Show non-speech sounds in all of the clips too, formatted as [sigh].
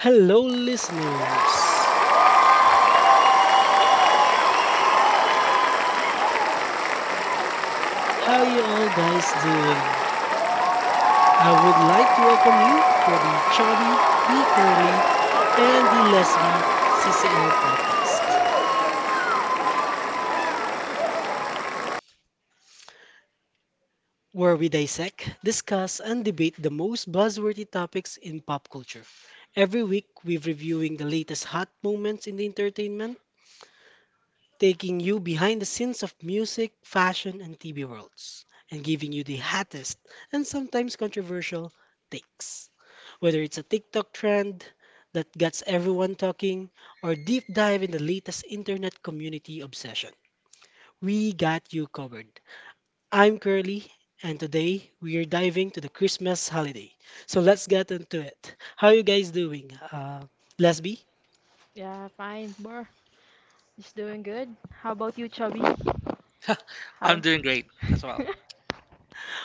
Hello, listeners. How you all guys doing? I would like to welcome you for the Chubby, the Curly, and the Lesby CCL podcast, where we dissect, discuss, and debate the most buzzworthy topics in pop culture. Every week, we're reviewing the latest hot moments in the entertainment, taking you behind the scenes of music, fashion, and TV worlds, and giving you the hottest and sometimes controversial takes. Whether it's a TikTok trend that gets everyone talking, or deep dive in the latest internet community obsession, we got you covered. I'm Curly, and today we are diving to the Christmas holiday. So let's get into it. How you guys doing? Lesby? Yeah, fine, bro. Just doing good. How about you, Chubby? I'm How? doing great as well. [laughs]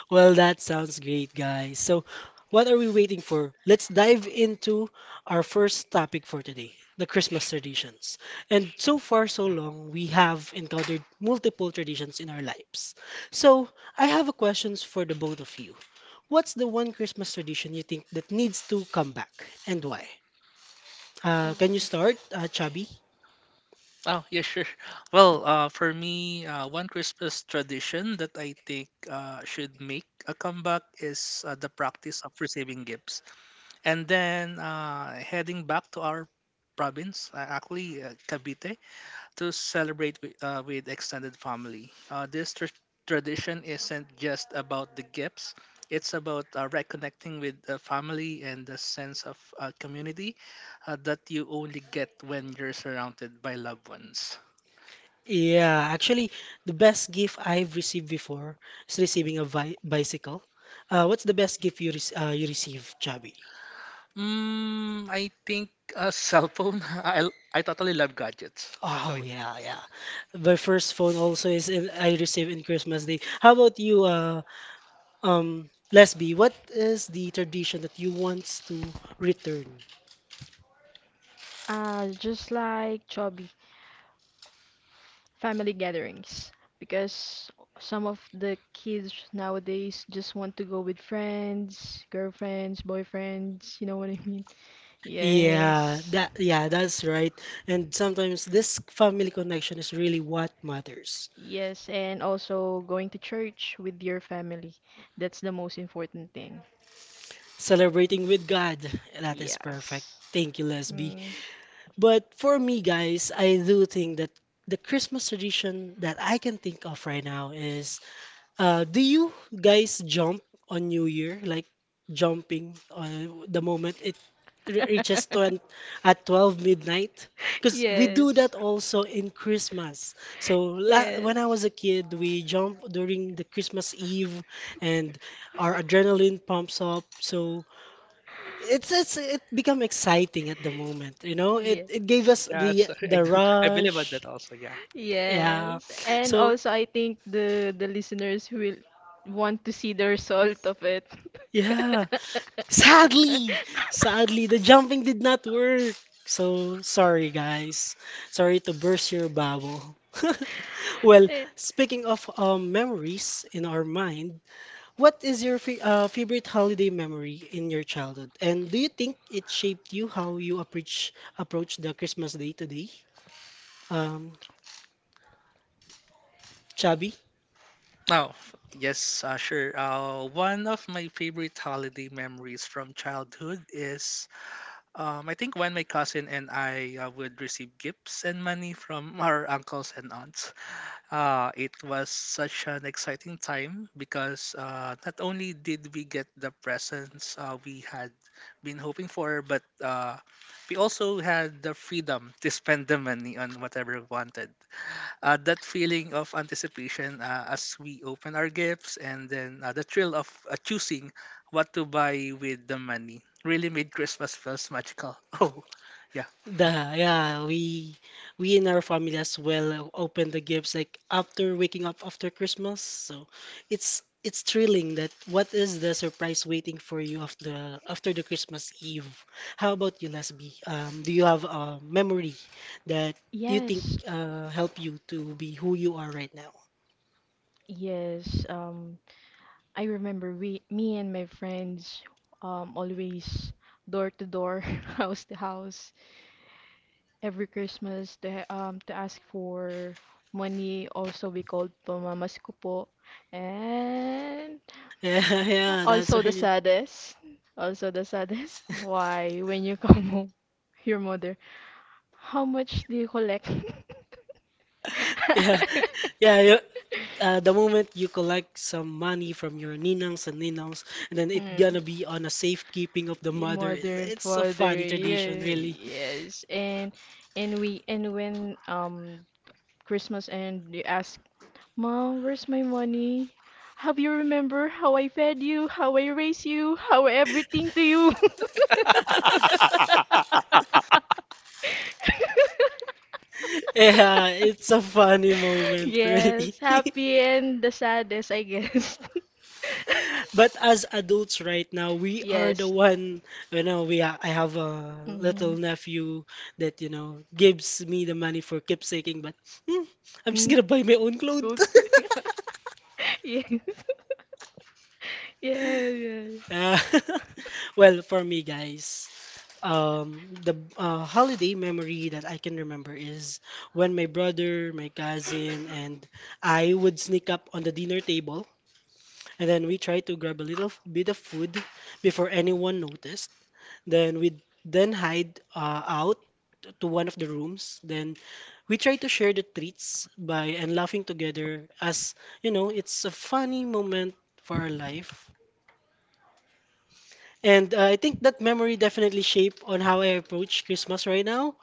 Well, that sounds great, guys. So, what are we waiting for? Let's dive into our first topic for today, the Christmas traditions. And so far, so long, we have encountered multiple traditions in our lives. So, I have a questions for the both of you. What's the one Christmas tradition you think that needs to come back and why? Can you Oh. start, Chubby? Oh, yeah, sure. Well, for me, one Christmas tradition that I think should make a comeback is the practice of receiving gifts. And then heading back to our province, actually Cavite, to celebrate with extended family. This tradition isn't just about the gifts, it's about reconnecting with the family and the sense of community that you only get when you're surrounded by loved ones. Yeah, actually, the best gift I've received before is receiving a vi bicycle. What's the best gift you rec you receive, Chubby? I think a cell phone. [laughs] I totally love gadgets. So Oh yeah, yeah, yeah. My first phone also is in, I received in Christmas Day. How about you, Lesby? What is the tradition that you want to return? Just like Chubby, family gatherings. Because some of the kids nowadays just want to go with friends, girlfriends, boyfriends, you know what I mean? Yes. Yeah, that's right. And sometimes this family connection is really what matters. Yes, and also going to church with your family. That's the most important thing. Celebrating with God, that is perfect. Yes. Thank you, Lesby. But for me, guys, I do think that the Christmas tradition that I can think of right now is, do you guys jump on New Year? Like jumping on the moment it reaches [laughs] to at 12 midnight? Because we do Yes. that also in Christmas. So Yes. la when I was a kid, Yes. we jump during the Christmas Eve, and our adrenaline pumps up. So it become exciting at the moment, you know, it gave us yeah, the so [laughs] I the do. I believe about that rush, also. Yeah. yeah. Yes. And So also I think the listeners will want to see the result of it. yeah, sadly, [laughs] sadly the jumping did not work, so sorry guys, sorry to burst your bubble. [laughs] Well, Eh, speaking of memories in our mind, what is your favorite holiday memory in your childhood? And do you think it shaped you how you approach the Christmas day today? Um, Chubby? Now, yes, sure. One of my favorite holiday memories from childhood is, I think, when my cousin and I would receive gifts and money from [laughs] our uncles and aunts. It was such an exciting time because not only did we get the presents we had been hoping for, but we also had the freedom to spend the money on whatever we wanted. That feeling of anticipation as we open our gifts, and then the thrill of choosing what to buy with the money, really made Christmas feels magical. [laughs] Oh, yeah. The, yeah, we, in our family as well, open the gifts like after waking up after Christmas. So it's thrilling that what is the surprise waiting for you after the Christmas Eve? How about you, Lesbi? Do you have a memory that you think yes, help you to be who you are right now? yes. I remember me and my friends, always door to door, [laughs] house to house, every Christmas to ask for money. Also, we called pamamas ko po, and Yeah, [laughs] [laughs] yeah, that's also the right. saddest, also the saddest. [laughs] Why when you come home, your mother. How much do you collect? [laughs] Yeah, [laughs] yeah. You, the moment you collect some money from your ninangs and ninongs, and then it Mm. gonna be on a safekeeping of the mother. It's, Mother and it's a father, funny tradition, yeah, really. [laughs] yes, and when Christmas and you ask, Mom, where's my money? Have you remember how I fed you, how I raised you, how everything to you? [laughs] Yeah, it's a funny moment, really. Yes, [laughs] happy and the saddest, I guess. [laughs] The But as adults right now, we are the Yes. one, you know, we I have a ha- Mm-hmm. little nephew that, you know, gives me the money for keepsaking, but hmm, I'm just gonna buy my Mm-hmm. own clothes. Clothes. [laughs] [laughs] Yes. [laughs] Yeah, yeah. Uh, [laughs] well, for me, guys, the holiday memory that I can remember is when my brother, my cousin, and I would sneak up on the dinner table, and then we try to grab a little bit of food before anyone noticed. Then we'd then hide out to one of the rooms. Then we try to share the treats by and laughing together, as you know, it's a funny moment for our life. And I think that memory definitely shaped on how I approach Christmas right now.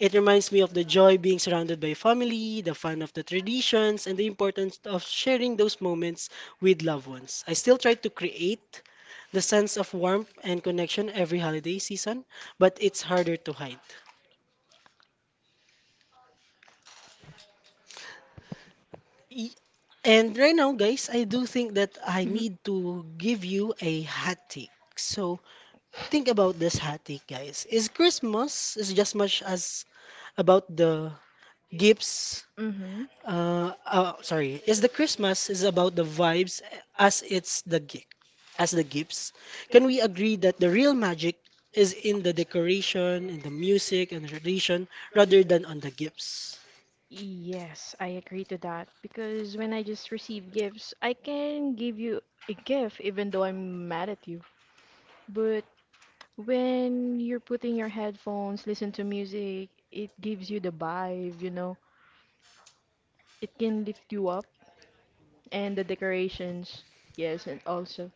It reminds me of the joy being surrounded by family, the fun of the traditions, and the importance of sharing those moments with loved ones. I still try to create the sense of warmth and connection every holiday season, but it's harder to hide. Y- And right now, guys, I do think that I Mm-hmm. need to give you a hot take. So think about this hot take, guys. Is Christmas is just much as about the gifts. Mm-hmm. Sorry, is the Christmas is about the vibes as it's the gift as the gifts. Can we agree that the real magic is in the decoration, in the music, and the tradition rather than on the gifts? Yes, I agree to that because when I just receive gifts, I can give you a gift even though I'm mad at you. But when you're putting your headphones, listen to music, it gives you the vibe. It can lift you up and the decorations, yes, and also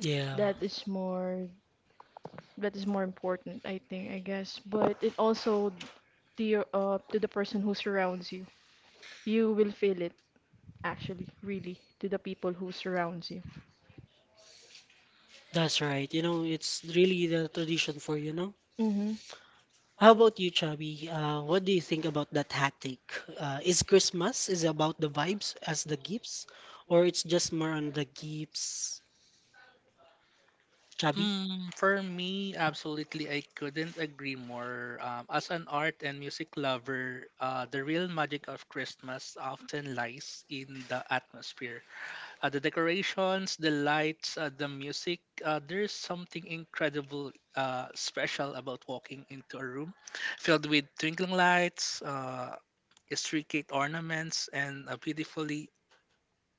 Yeah, that is more that is more important, I think, I guess. But it also to the person who surrounds you. You will feel it actually, really, to the people who surrounds you. that's right. You know, it's really the tradition for you know. Mm-hmm. How about you, Chubby? What do you think about that hat take? Is Christmas is about the vibes as the gifts, or it's just more on the gifts, Chubby? For me, absolutely, I couldn't agree more. As an art and music lover, the real magic of Christmas often lies in the atmosphere. The decorations, the lights, the music. There's something incredible, special about walking into a room filled with twinkling lights, intricate ornaments, and a beautifully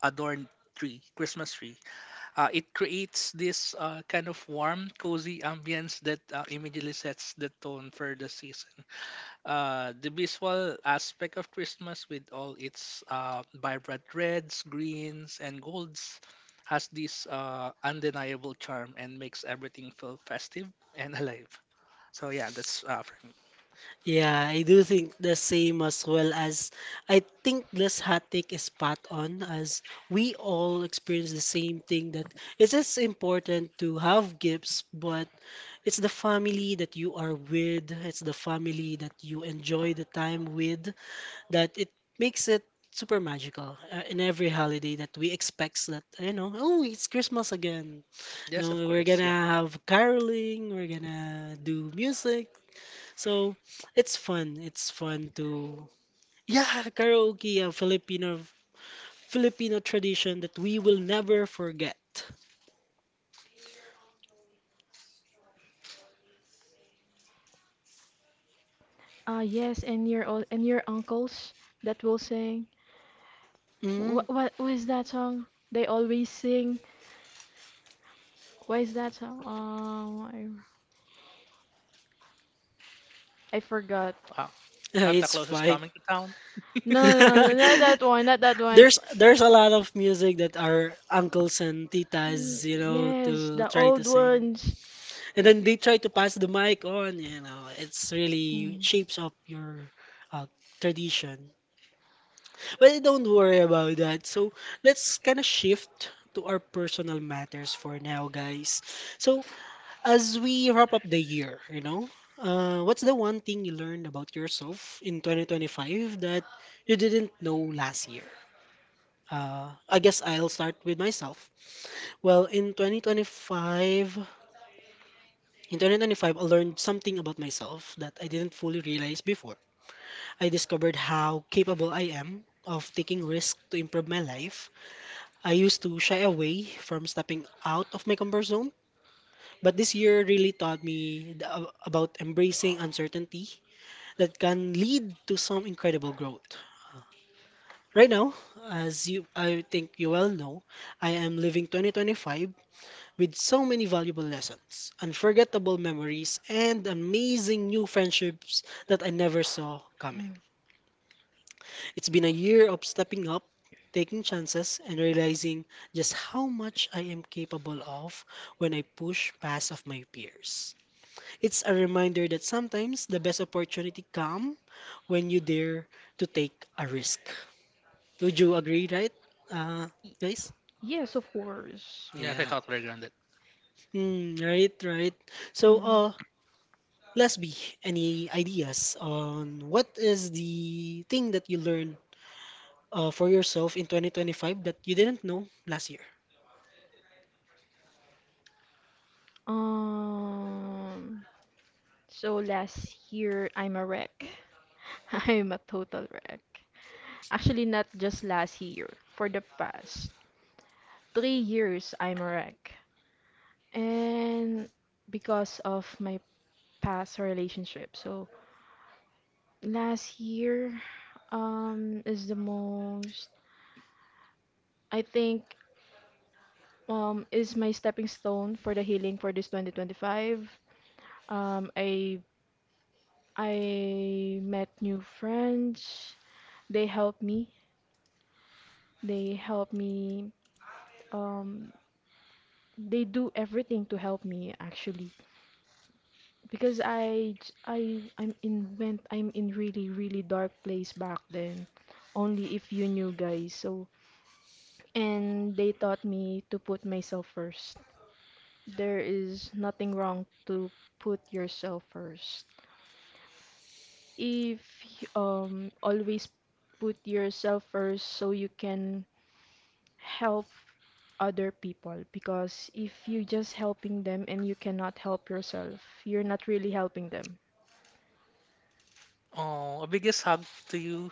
adorned tree, Christmas tree. It creates this kind of warm, cozy ambience that immediately sets the tone for the season. The visual aspect of Christmas, with all its vibrant reds, greens, and golds, has this undeniable charm and makes everything feel festive and [laughs] alive. So yeah, that's for me. Yeah, I do think the same as well as I think this hot take is spot on as we all experience the same thing that it is important to have gifts, but it's the family that you are with, it's the family that you enjoy the time with that it makes it super magical in every holiday that we expects, that you know, oh it's Christmas again, you Yes, of know, we're course. Yeah. gonna have caroling, we're gonna do music. So it's fun. It's fun to, yeah, [laughs] karaoke, a Filipino tradition that we will never forget. Ah, yes, and your all and your uncles that will sing. Mm, What was that song? They always sing. Why is that so? I forgot. Uh, [laughs] Santa it's Claus is fine. coming to town. No, no, no, not [laughs] that one, not that one. There's a lot of music that our uncles and Mm, titas, you know, yes, to the try to old sing. ones. And then they try to pass the mic on, you know. It's Mm, really mm. shapes up your uh, tradition. Well, don't worry about that. So let's kind of shift to our personal matters for now, guys. So as we wrap up the year, you know, what's the one thing you learned about yourself in 2025 that you didn't know last year? I guess I'll start with myself. Well, in 2025, I learned something about myself that I didn't fully realize before. I discovered how capable I am of taking risks to improve my life. I used to shy away from stepping out of my comfort zone, but this year really taught me about embracing uncertainty that can lead to some incredible growth. Right now, as you, I think you well know, I am living 2025 with so many valuable lessons, unforgettable memories, and amazing new friendships that I never saw coming. It's been a year of stepping up, taking chances, and realizing just how much I am capable of when I push past of my peers. It's a reminder that sometimes the best opportunity come when you dare to take a risk. Would you agree, right? Uh, Y- guys? Yes, of course. Yes, I Yeah. thought we were grounded. Mm, right, right. So, Mhm. Lesbi, any ideas on what is the thing that you learned for yourself in 2025 that you didn't know last year? Um, so last year I'm a wreck. [laughs] I'm a total wreck. Actually, not just last year. For the past 3 years, I'm a wreck, and because of my past relationship. So last year is the most, I think, is my stepping stone for the healing for this 2025. Um I I met new friends. They help me. They help me um they do everything to help me actually because I j- I I'm in went I'm in really, really dark place back then. Only if you knew guys. So and they taught me to put myself first. There is nothing wrong to put yourself first. If y- Always put yourself first so you can help other people because if you just helping them and you cannot help yourself, you're not really helping them. Oh, a biggest hug to you.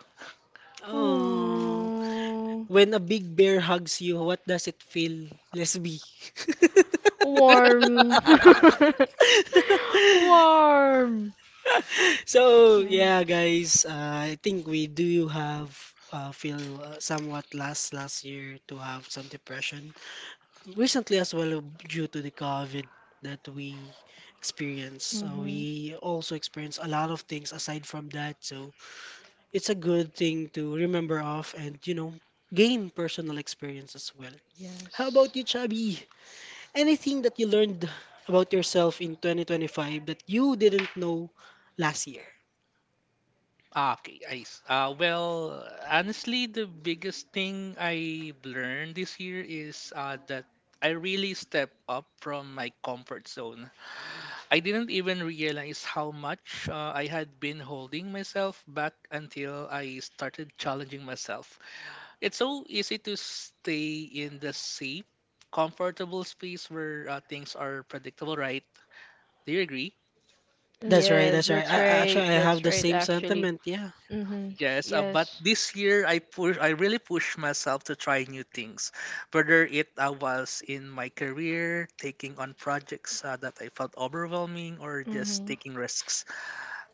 Oh, Mm, when a big bear hugs you, what does it feel? Lesbi. [laughs] warm. [laughs] Warm. So Mm. yeah, guys, I think we do have feel somewhat last year to have some depression recently as well due to the COVID that we experienced. So Mhm. we also experienced a lot of things aside from that. So it's a good thing to remember of and, you know, gain personal experience as well. How Yes. about you, Chubby? Anything that you learned about yourself in 2025 that you didn't know last year? Ah, okay, well, honestly, the biggest thing I learned this year is that I really stepped up from my comfort zone. I didn't even realize how much I had been holding myself back until I started challenging myself. It's so easy to stay in the safe, comfortable space where things are predictable, right? Do you agree? That's right, Yes, that's right. that's I right. actually I have That's the right, same actually. sentiment, yeah. Mhm. Yes, but Yes. this year I really pushed myself to try new things. Whether it was in my career, taking on projects that I felt overwhelming, or just Mhm. taking risks.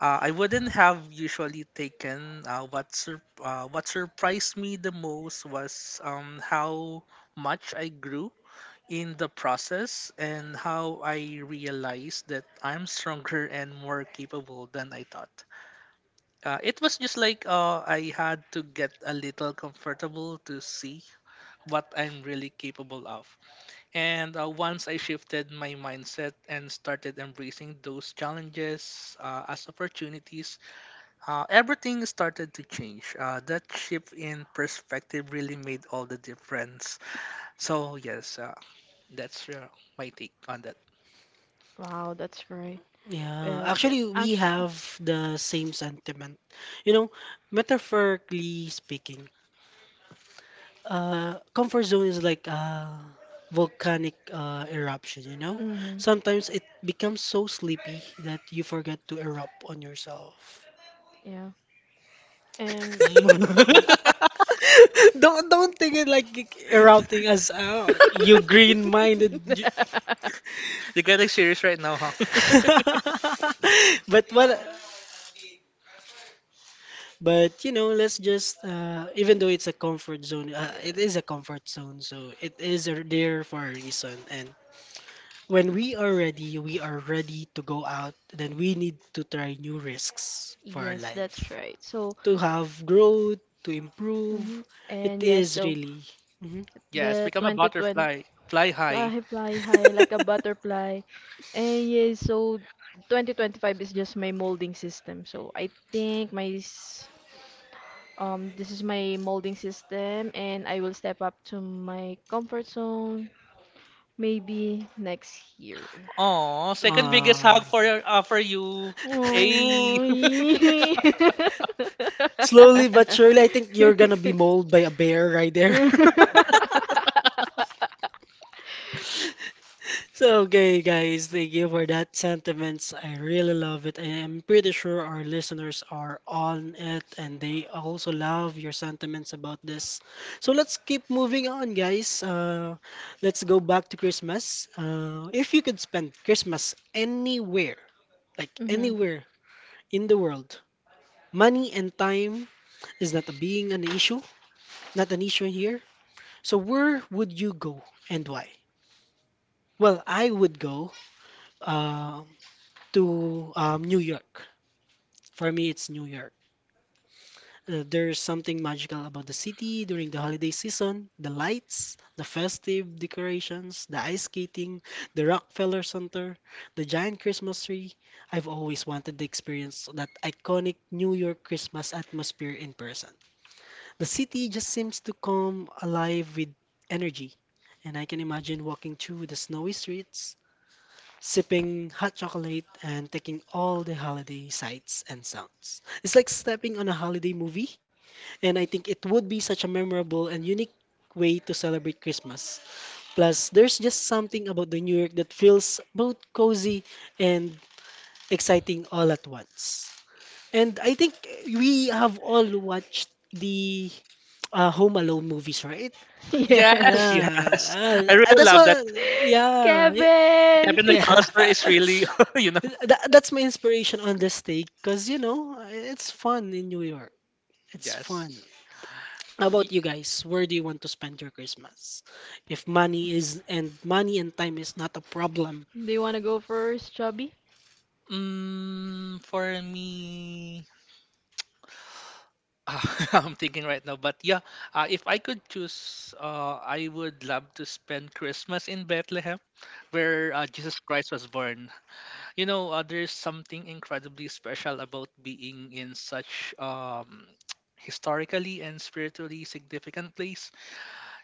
I wouldn't have usually taken. What surprised me the most was how much I grew in the process, and how I realized that I'm stronger and more capable than I thought. It was just like I had to get a little comfortable to see what I'm really capable of. And once I shifted my mindset and started embracing those challenges as opportunities, everything started to change. That shift in perspective really made all the difference. So, yes, that's my take on that. Wow, that's great. Yeah, Uh, actually we actually. have the same sentiment. You know, metaphorically speaking, comfort zone is like a volcanic eruption, you know? Hmm. Sometimes it becomes so sleepy that you forget to erupt on yourself. Yeah. [laughs] And You [laughs] [laughs] are Don't think it like erupting as you green-minded. [laughs] getting serious right now, huh? [laughs] But what but you know, let's just even though it's a comfort zone, yeah. it is a comfort zone, so it is there for a reason. And. When we are ready to go out, then we need to try new risks for our Yes, that's life. right. So, To have growth, to hmm improve. It and yes, is so really. Mhm. Yes, the become a 2020, butterfly, fly high. I fly high like a [laughs] butterfly. And yes, so 2025 is just my molding system. So I think this is my molding system, and I will step up to my comfort zone maybe next year. Oh, second biggest hug Uh, for you. Hey, Oh, [laughs] yeah. [laughs] slowly but surely, I think you're gonna be mauled by a bear right there. [laughs] So, okay, guys, thank you for that sentiments. I really love it. I'm pretty sure our listeners are on it and they also love your sentiments about this. So, let's keep moving on, guys. Let's go back to Christmas. If you could spend Christmas anywhere, like Mhm. anywhere in the world, money and time is not a being an issue, not an issue here. So, where would you go and why? Well, I would go. Uh, to New York. For me, it's New York. There's something magical about the city during the holiday season. The lights, the festive decorations, the ice skating, the Rockefeller Center, the giant Christmas tree. I've always wanted to experience that iconic New York Christmas atmosphere in person. The city just seems to come alive with energy, and I can imagine walking through the snowy streets sipping hot chocolate and taking all the holiday sights and sounds. It's like stepping on a holiday movie, and I think it would be such a memorable and unique way to celebrate Christmas. Plus, there's just something about the New York that feels both cozy and exciting all at once. And I think we have all watched the Home Alone movies, right? yes, Yes. Yeah, yes. I really that's love what. that. Yeah, y- Kevin! Kevin [laughs] yeah. [laughs] McAllister is really, [laughs] you know, That's my inspiration on this take because, you know, it's fun in New York. It's fun. yes. How Y- about you guys? Where do you want to spend your Christmas? If money is and money and time is not a problem. Do you want to go first, Chubby? For me, [laughs] I'm thinking right now, but yeah, if I could choose, I would love to spend Christmas in Bethlehem, where Jesus Christ was born. You know, there's something incredibly special about being in such [tsk] historically and spiritually significant place,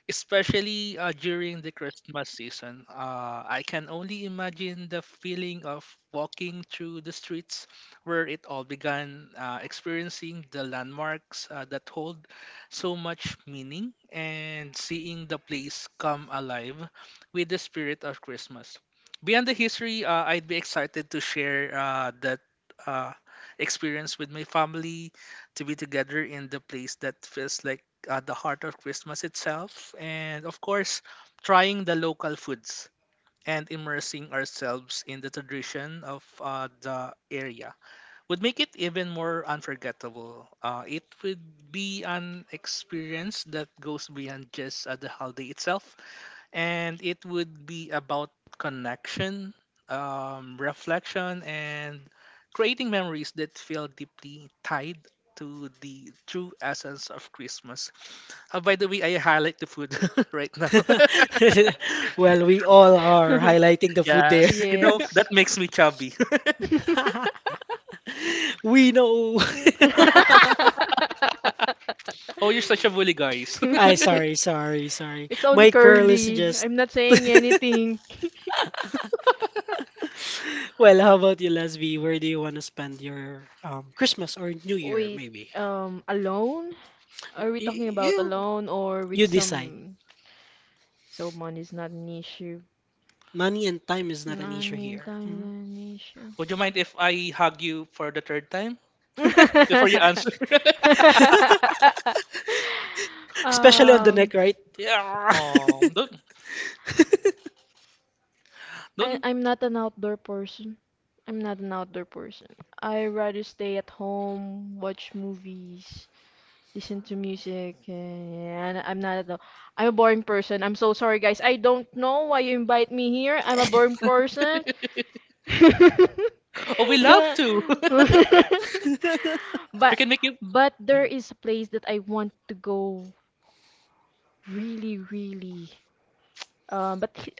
especially during the Christmas season. I can only imagine the feeling of walking through the streets where it all began, experiencing the landmarks that hold so much meaning, and seeing the place come alive with the spirit of Christmas. Beyond the history, I'd be excited to share that. Uh, experience with my family, to be together in the place that feels like at the heart of Christmas itself, and of course, trying the local foods and immersing ourselves in the tradition of the area would make it even more unforgettable. It would be an experience that goes beyond just the holiday itself, and it would be about connection, reflection, and creating memories that feel deeply tied to the true essence of Christmas. Oh, by the way, I highlight the food [laughs] right now. [laughs] [laughs] Well, we all are highlighting the food [laughs] there. Yes, you [laughs] know, that Yes. makes me chubby. [laughs] We know. [laughs] [laughs] Oh, you're such a bully, guys. I [laughs] sorry, sorry, sorry. It's only My curl is curly. just I'm not saying [laughs] anything. [laughs] well, how about you, Lesbi? Where do you want to spend your Christmas or New Year, Wait, maybe? Alone? Are we You, talking about you alone or with you decide. some? So money's not an issue. Money Money and time is not and an issue time is not here. Mhm. an issue. [laughs] Would you mind if I hug you for the third time before you answer? [laughs] [laughs] [laughs] [laughs] Especially on the neck, Um, right? Yeah. Oh, don't, [laughs] I don't. I'm not an outdoor person. I'm not an outdoor person. I rather stay at home, watch movies, listen to music, and I'm not at the, I'm a boring person. I'm so sorry, guys. I don't know why you invite me here. I'm a boring person. [laughs] Oh, we love to. [laughs] We But can make you but there is a place that I want to go really, really uh, but he-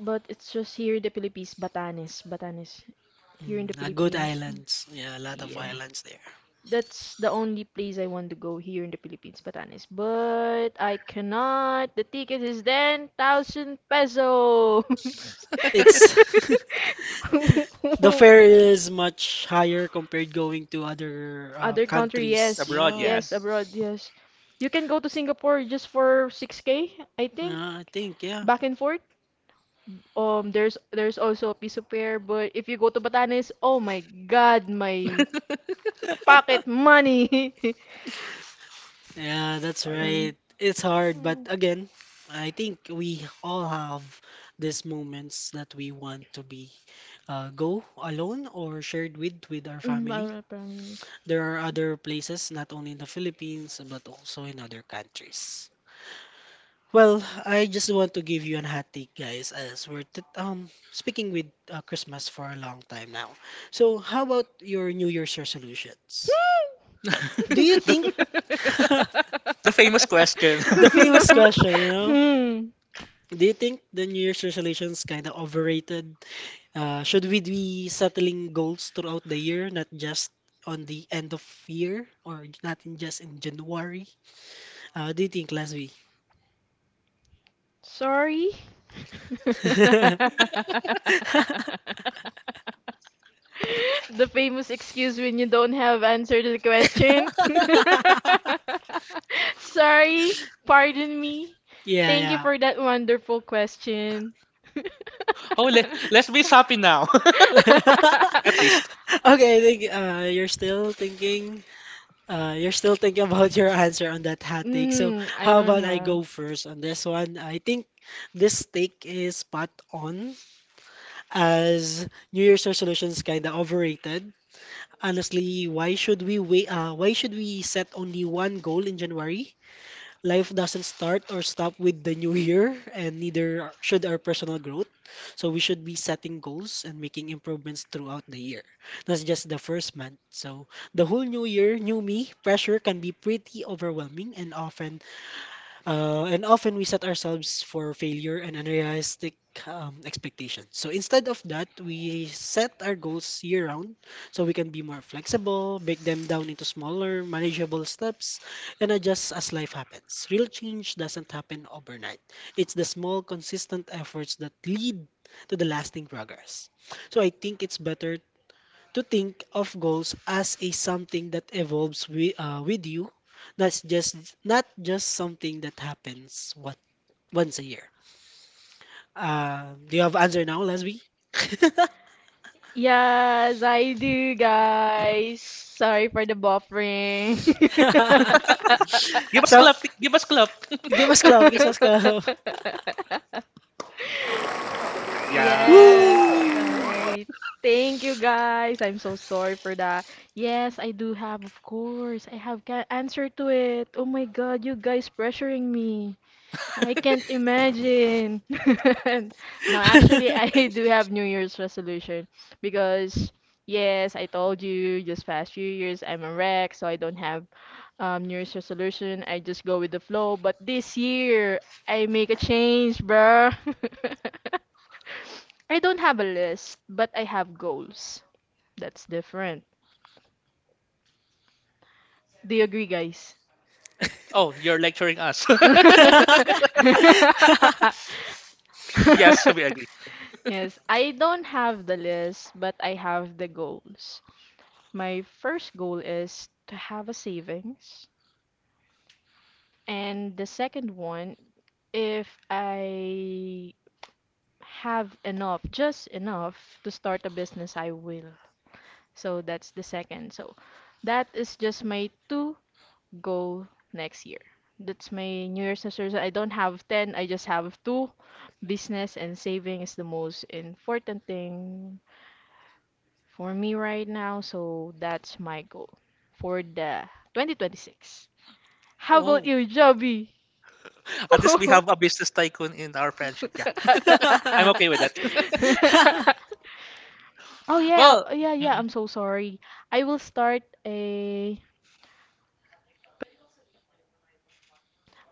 but it's just here in the Philippines, Batanes, Batanes. Here in Mm, the good Philippines, islands. Yeah, a lot of yeah. mm, islands there. That's the only place I want to go here in the Philippines, Batanes. But I cannot. The ticket is 10,000 pesos. [laughs] It's [laughs] the fare is much higher compared going to other Other country, countries. yes. abroad. Yeah. Yes, Yes. abroad, yes. You can go to Singapore just for 6K, I think, Yeah, I think yeah. back and forth. There's also a piece of pear, but if you go to Batanes, oh my God, my pocket money. [laughs] Yeah, that's Oh, yeah. Yeah. Mm. right. It's hard, but Mm. again, I think we all have these moments that we want to be go alone or shared with our Mm, family. para family. There are other places, not only in the Philippines, but also in other countries. Well, I just want to give you an hot take, guys, as we're t speaking with Christmas for a long time now. So, how about your New Year's resolutions? Hmm. Do you think [laughs] The famous question. the [laughs] No. famous question, you know? Hmm. Do you think the New Year's resolutions kind of overrated? Should we be settling goals throughout the year, not just on the end of year or not in just in January? What do you think, Leslie? Sorry. [laughs] [laughs] [laughs] The famous excuse when you don't have answer to the question. [laughs] Sorry, pardon me. Yeah, Thank you yeah. for that wonderful question. [laughs] [laughs] Oh, let's be happy now, [laughs] at [laughs] least. Okay, I think you're still thinking. You're still thinking about your answer on that hot take. So Mm, I how don't about I have. go first on this one? I think this take is spot on as New Year's resolutions kind of overrated. Honestly, why should we wait, why should we set only one goal in January? Life doesn't start or stop with the new year, and neither should our personal growth. So we should be setting goals and making improvements throughout the year. That's just the first month. So the whole new year, new me, pressure can be pretty overwhelming and often we set ourselves for failure and unrealistic expectations. So instead of that, we set our goals year round so we can be more flexible, break them down into smaller, manageable steps, and adjust as life happens. Real change doesn't happen overnight, it's the small, consistent efforts that lead to the lasting progress. So I think it's better to think of goals as a something that evolves with, with you, not just not just something that happens what once a year. Do you have answer now, Leslie? Yes, I do, guys. Sorry for the buffering. [laughs] Give [laughs] us So clap. Give us clap. give us club, give us club. [laughs] Yeah. Yes. All Woo! right. Thank you guys. I'm so sorry for that. Yes, I do have, of course. I have can answer to it. Oh my God, you guys pressuring me. I can't imagine. [laughs] No, actually, [laughs] I [laughs] do have New Year's resolution because, yes, I told you just past few years I'm a wreck, so I don't have New Year's resolution. I just go with the flow. But this year, I make a change, bruh. [laughs] I don't have a list, but I have goals. That's different. Do you agree, guys? Oh, you're lecturing us. [laughs] [laughs] Yes, we agree. [laughs] Yes, I don't have the list, but I have the goals. My first goal is to have a savings, and the second one, if I have enough, just enough to start a business, I will. So that's the second. So that is just my two goal next year. That's my New Year's resolution. I don't have 10, I just have two. Business and saving is the most important thing for me right now, so that's my goal for the 2026. How Oh. about you, Joby? [laughs] [laughs] At least we Oh, have a business tycoon in our friendship. Yeah, I'm okay with that. [laughs] yeah, Well, oh, yeah, yeah. mm-mm. I'm so sorry. I will start a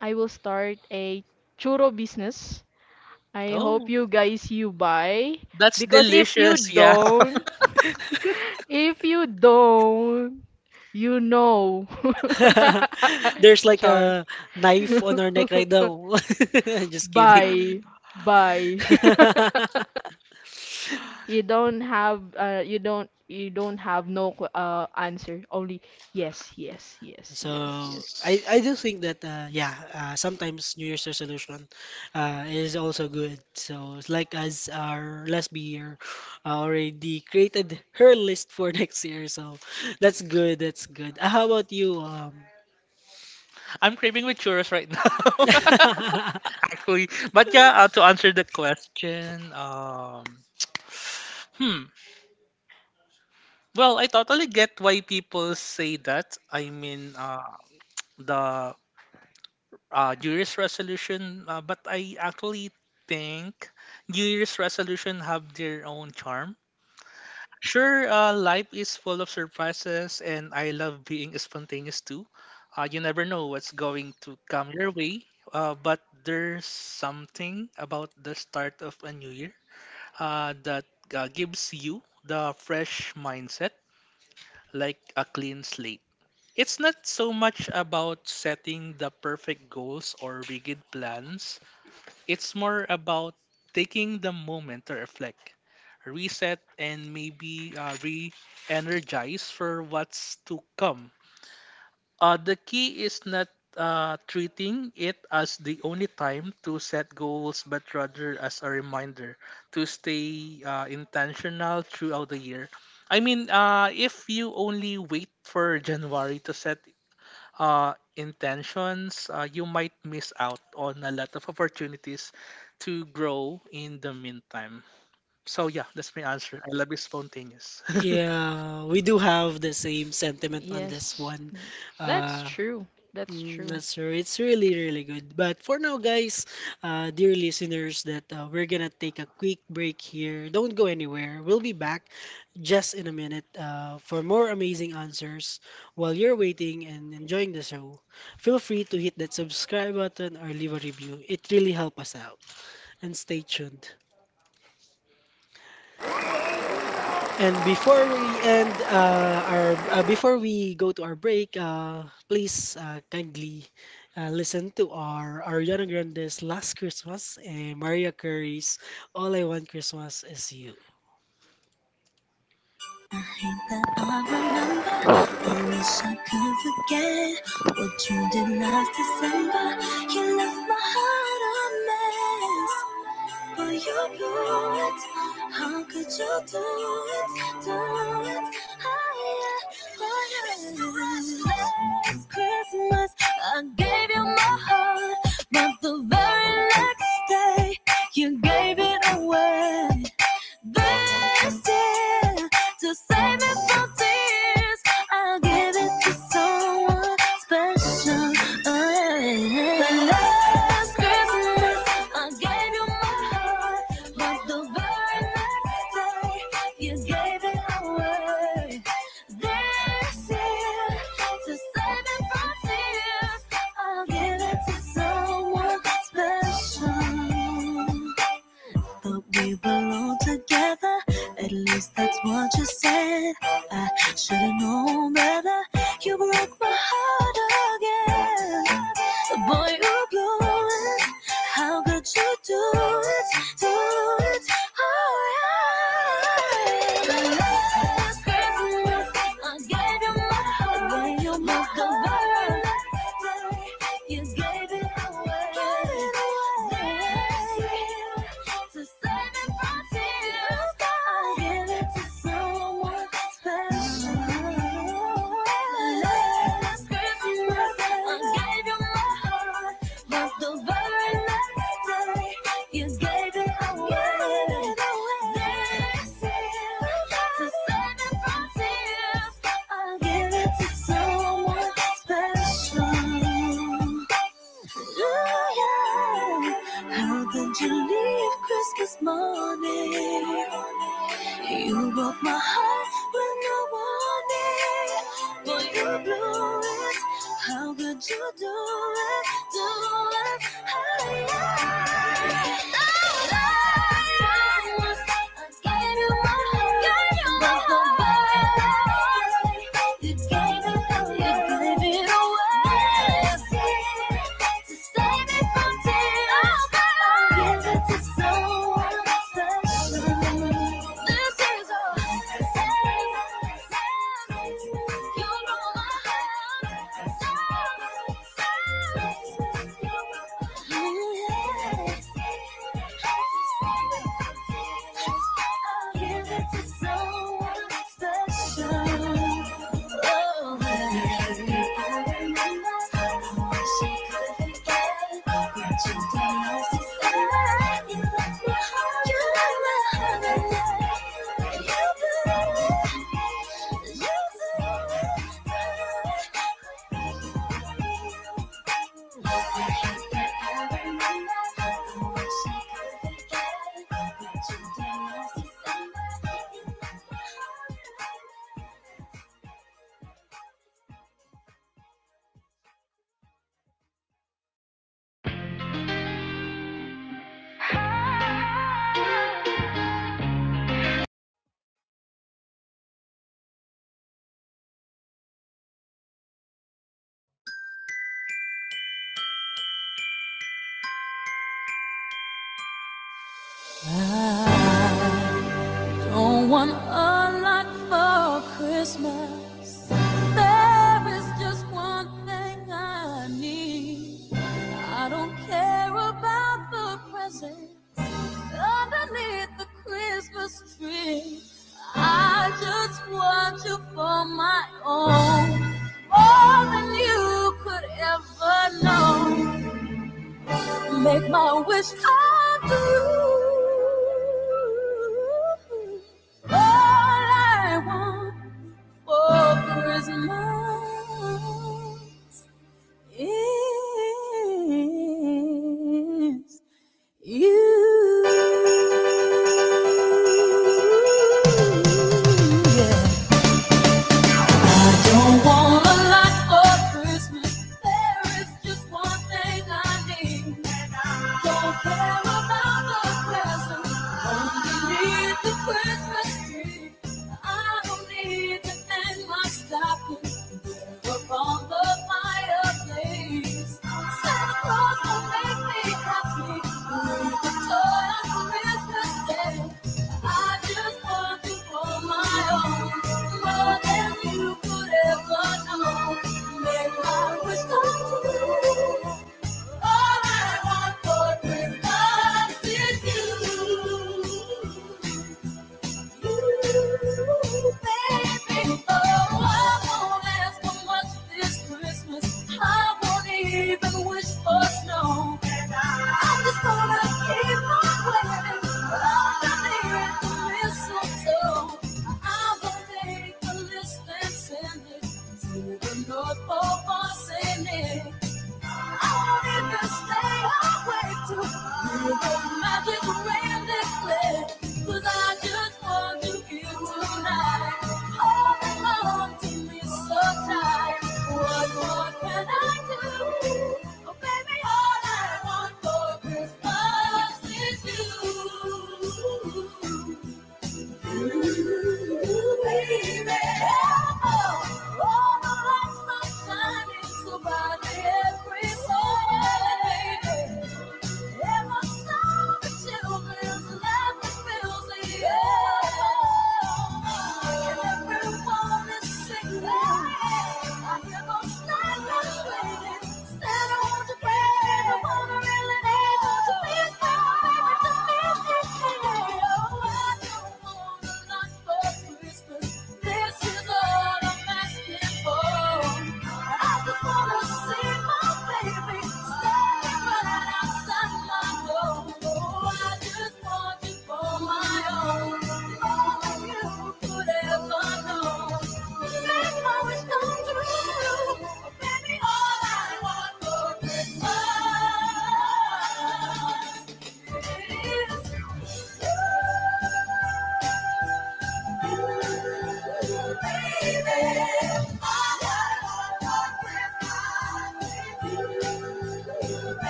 I will start a churro business. I hope Oh, you guys you buy that's because if you delicious. Yeah. [laughs] don't [laughs] if you don't you know. There's [laughs] like Char. a knife on our neck [laughs] right now. [laughs] Just kidding. Bye. Bye. [laughs] [laughs] You don't have no answer. Only yes, yes, yes, So yes, yes. Yes. I do think that sometimes New Year's resolution is also good. So it's like as our last year already created her list for [laughs] next year. So that's good. That's good. How about you? I'm craving with churros right now, [laughs] [laughs] actually. But yeah, to answer the question, [tsk] hmm. Well, I totally get why people say that. I mean, the New Year's resolution, but I actually think New Year's resolution have their own charm. Sure, life is full of surprises, and I love being spontaneous too. You never know what's going to come your way, but there's something about the start of a new year that gives you the fresh mindset, like a clean slate. It's not so much about setting the perfect goals or rigid plans, it's more about taking the moment to reflect, reset, and maybe re energize for what's to come. The key is not treating it as the only time to set goals, but rather as a reminder to stay intentional throughout the year. I mean, if you only wait for January to set intentions, you might miss out on a lot of opportunities to grow in the meantime. So yeah, that's my answer. I love is spontaneous. [laughs] yeah, we do have the same sentiment on this Yes. one. That's Uh, true. That's Mm, true. that's true. It's really, really good. But for now, guys, dear listeners, that we're gonna take a quick break here. Don't go anywhere. We'll be back just in a minute for more amazing answers. While you're waiting and enjoying the show, feel free to hit that subscribe button or leave a review. It really helps us out. And stay tuned. And before we end our before we go to our break, please kindly listen to our Ariana Grande's Last Christmas and Mariah Carey's All I Want Christmas Is You.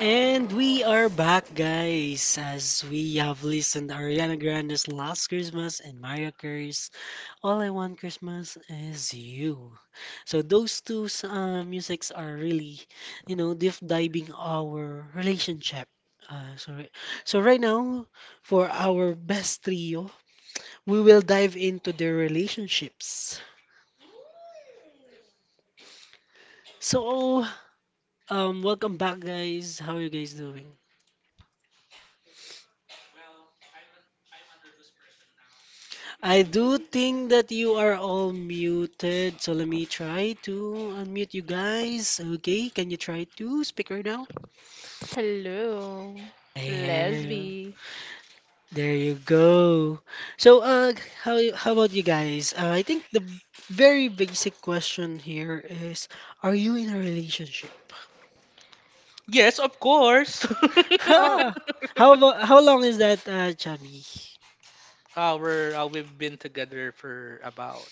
And we are back, guys, as we have listened Ariana Grande's Last Christmas and Mariah Carey's All I Want Christmas is You. So those two musics are really, you know, deep diving our relationship. Uh, so, so right now, for our best trio, we will dive into their relationships. So, welcome back, guys. How you guys doing? I do think that you are all muted, so let me try to unmute you guys. Okay, can you try to speak right now? Hello. Yeah. Lesbi. There you go. So, how about you guys? I think the very basic question here is, are you in a relationship? Yes, of course. [laughs] [laughs] Oh, Ha! How about how long is that, Chubby? [laughs] We've been together for about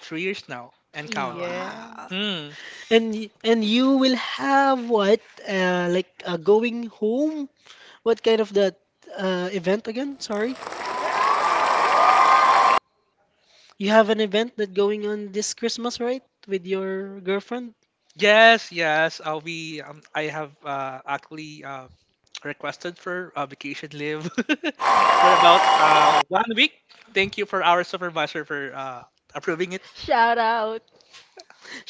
3 years now and counting. yeah. Wow. Hmm. And you will have what? Like going home? What kind of that event again? Sorry, you have an event that going on this Christmas, right? With your girlfriend? Yes, yes. We I have actually requested for vacation leave [laughs] for about 1 week. Thank you for our supervisor for approving it. Shout out.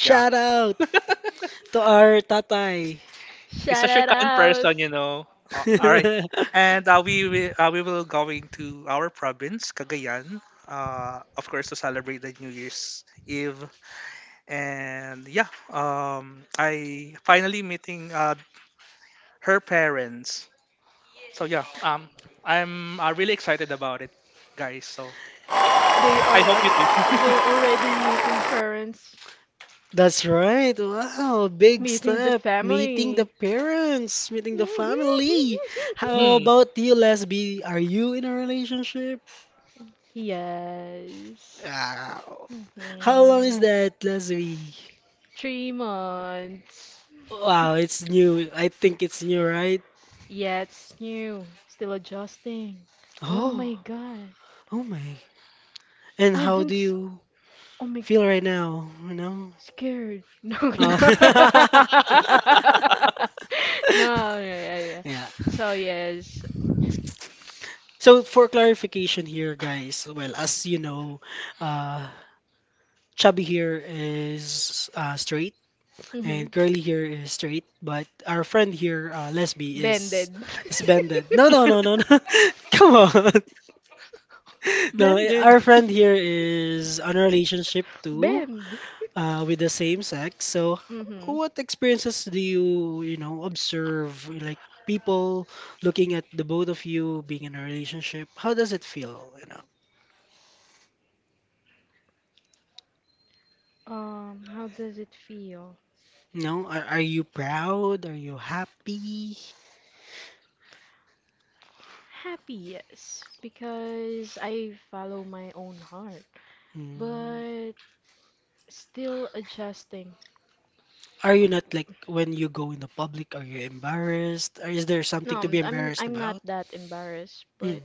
Yeah, out to our tatay. he's Shout such a it kind out. person, you know. All right, and [laughs] we will going to our province, Cagayan. Of course, to celebrate the New Year's Eve, and yeah, I finally meeting her parents. So yeah, I'm really excited about it, guys. So They are I hope you too. al- [laughs] they're already meeting parents, That's right. Wow, big meeting the step. Meeting the family. parents, meeting the [laughs] family. How about Hmm, you, Lesbi? Are you in a relationship? Yes. Mhm. Wow. How long is that, Lesbi? 3 months. Wow, it's new. I think it's new, right? Yeah, it's new. Still adjusting. Oh Oh, my god. oh my. And I've how been do s- you oh my, feel right now? You know? scared. [laughs] No, Uh, no, [laughs] [laughs] no, yeah, yeah, yeah. yeah. So yes, So for clarification here, guys, well, as you know, uh, Chubby here is straight, hmm, and Curly here is straight, but our friend here, Lesby, bended, is bended. No, no, no, no, [laughs] no. [laughs] Come on. [laughs] No, eh, blended. our friend here is on a relationship too, bend. With the same sex. So, Hmm. what experiences do you, you know, observe, like people looking at the both of you being in a relationship? How does it feel? You know, How does it feel? no, are you proud? Are you happy? Happy, yes, because I follow my own heart, Mm. but still adjusting. Are you not like when you go in the public, are you embarrassed? Or is there No, something to be I'm I'm embarrassed I'm not about? that embarrassed, Mm, but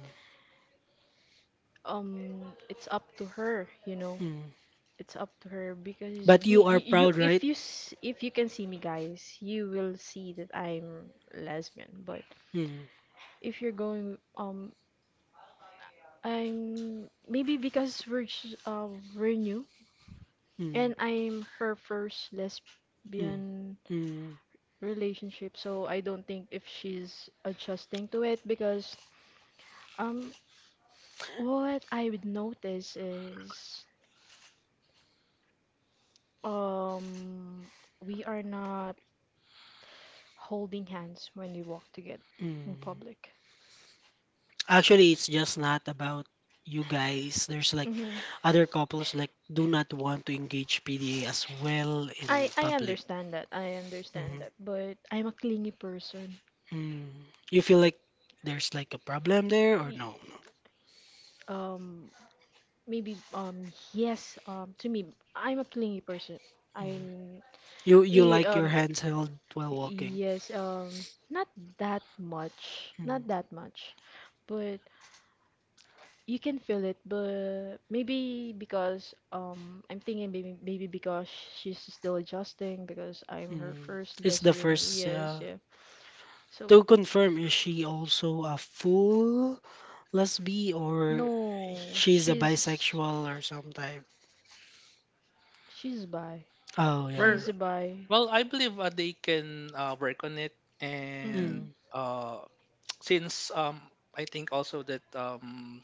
um, it's up to her. mm. It's up to her because But you me, are y- you, proud, right? if you s- if you can see me, guys, you will see that I'm lesbian. But Mm, if you're going, I'm maybe because we're new, and mm, I'm her first mm, lesbian mm, relationship, so I don't think if she's adjusting to it because um what I would notice is um we are not holding hands when we walk together in mm. public. Actually, it's just not about you guys. There's like hmm other couples like do not want to engage PDA as well in I public. understand that, I understand Mm, that, but I'm a clingy person. mm. You feel like there's like a problem there or no? Y- um Maybe, yes, to me, I'm a clingy person. No. Mm. I'm You eh, like your um y- hands held while walking. yes, not that much, Hmm. not that much, but you can feel it, but maybe because I'm thinking, maybe because she's still adjusting because I'm her Hmm. first It's the lesbian, first. yes, Yeah, yeah. So to confirm, is she also a full lesbian or no, she's a she's, bisexual or some type? she's bi, Oh yeah. Where? she's a bi. Well, I believe they can work on it, and Mm-hmm. Hmm. uh, since I think also that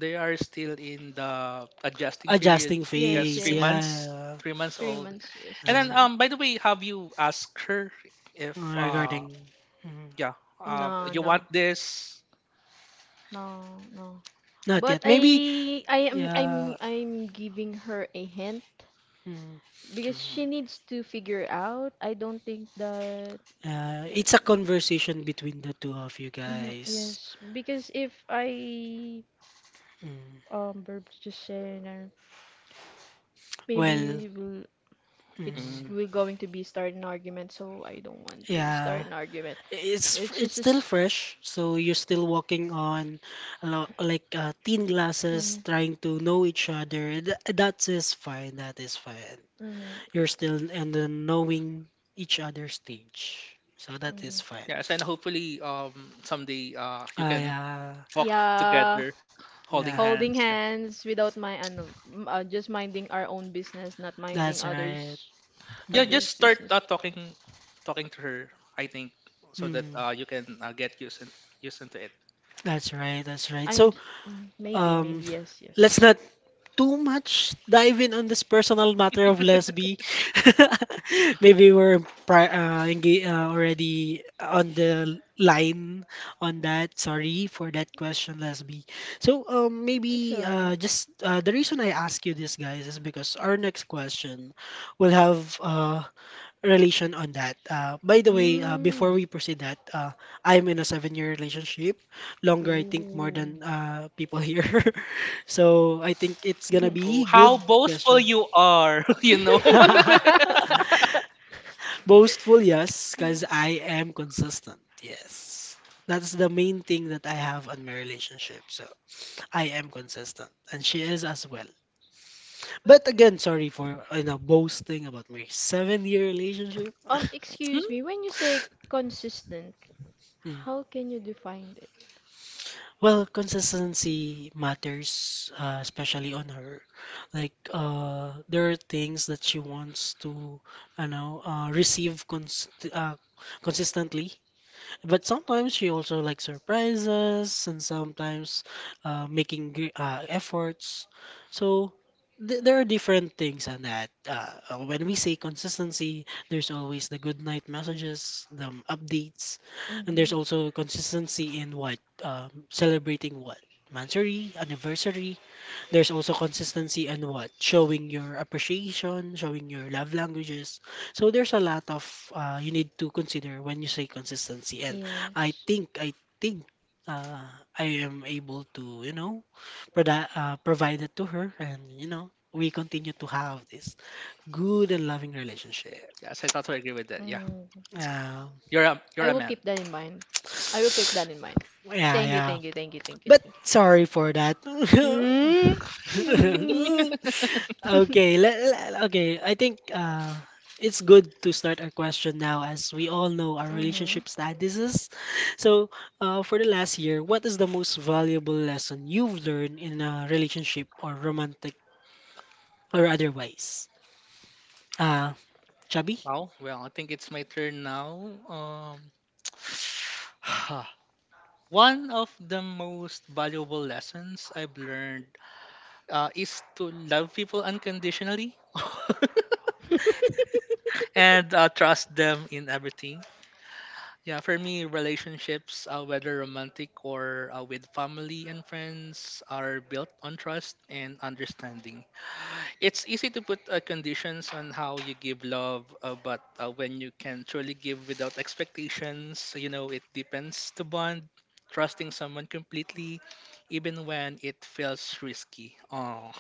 they are still in the adjusting period. Adjusting Yes, Yes, face. three yes. months, Yeah. 3 months Three old. months. Yes, Uh, And that's then him. By the way, have you asked her if regarding. Mm, yeah No, you want no. this? No, no. not But yet. Maybe. I am Yeah. I'm giving her a hint Mm, because Mm, she needs to figure out. I don't think that it's a um, conversation between the two of you mhm, guys. yes, because if I Mm, burp just saying maybe well. you will, Mm, it's mm. we're going to be start an argument, so I don't want to start yeah. an argument. It's It's still just fresh, so you're still walking on a lot, like thin glasses, mhm, trying to know each other. Th that is fine. That is fine. mhm, You're still in the knowing each other stage, so that mhm. is fine. Yes, and hopefully someday you Ah, can yeah, walk Yeah, together, holding yeah, holding hands. Yeah, hands without my ano, just minding our own business, not minding that's right. others yeah. Mm. Just others' start business. Talking, talking to her. I think, so that Mm. You can used into it. That's right, that's right. So, maybe um, maybe yes. let's not too much dive in on this personal matter of lesbi. [laughs] Maybe we're already on the line on that. Sorry for that question, lesbi. So um, It's maybe alright. uh, just the reason I ask you this, guys, is because our next question will have relation on that. By the way, before Mm. we proceed that, I'm in a seven-year relationship, longer I think more Ooh. than people here. [laughs] So I think it's gonna Oh, be good how boastful question. you are, [laughs] you know. [laughs] [laughs] [laughs] Boastful, yes, because I am consistent. Yes. That's the main thing that I have on my relationship. So I am consistent, and she is as well. But again, sorry for you know boasting about my seven-year relationship. [laughs] Excuse me, Hmm? when you say consistent, Mm. how can you define it? Well, consistency matters, especially on her. Like, there are things that she wants to, I know, receive consistently. But sometimes she also likes surprises and sometimes making efforts. So there are different things on that. When we say consistency, there's always the good night messages, the updates, and there's Mm-hmm. also consistency in what celebrating what Mansory, anniversary, there's also consistency and what? Showing your appreciation, showing your love languages. So there's a lot of you need to consider when you say consistency. And I Yes. think, I think uh, I am able to, you know, provide it to her. And, you know, we continue to have this good and loving relationship. Yes, I totally agree with that. Yeah, Mm. Um you're I a will man. keep that in mind. I will keep that in mind. [sniffs] [tsk] yeah, Thank you, yeah. thank you, thank you, thank you, But thank sorry for that. you. Hmm. [laughs] [laughs] Okay, okay. I think it's good to start our question now, as we all know our Mhm. relationship statuses. So, for the last year, what is the most valuable lesson you've learned in a relationship or romantic or otherwise? Uh, chubby? Oh well, I think it's my turn now. [sighs] One of the most valuable lessons I've learned is to love people unconditionally [laughs] [laughs] Mhm. and trust them in everything. Yeah, for me, relationships, whether romantic or with family and friends, are built on trust and understanding. It's easy to put conditions on how you give love, but when you can truly give without expectations, you know, it depends to bond. Trusting someone completely, even when it feels risky. Oh.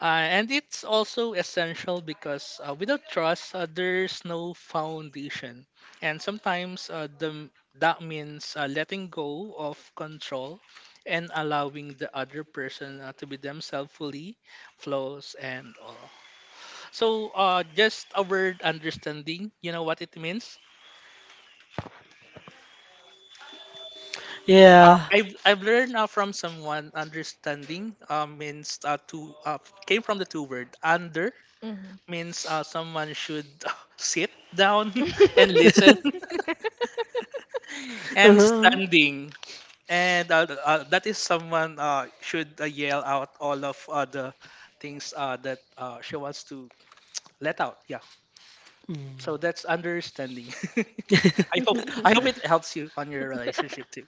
And it's also essential because without trust, there's no foundation. And sometimes that means letting go of control and allowing the other person to be themselves fully, flaws and all. So just a word understanding, you know what it means? Yeah. I've learned from someone, understanding means to came from the two word under, means someone should [laughs] sit down [laughs] and listen [laughs] and uh-huh. standing, and that is someone should yell out all of the things that she wants to let out, yeah. So Mm. that's understanding. [laughs] I hope, I hope it [laughs] helps you on your relationship too.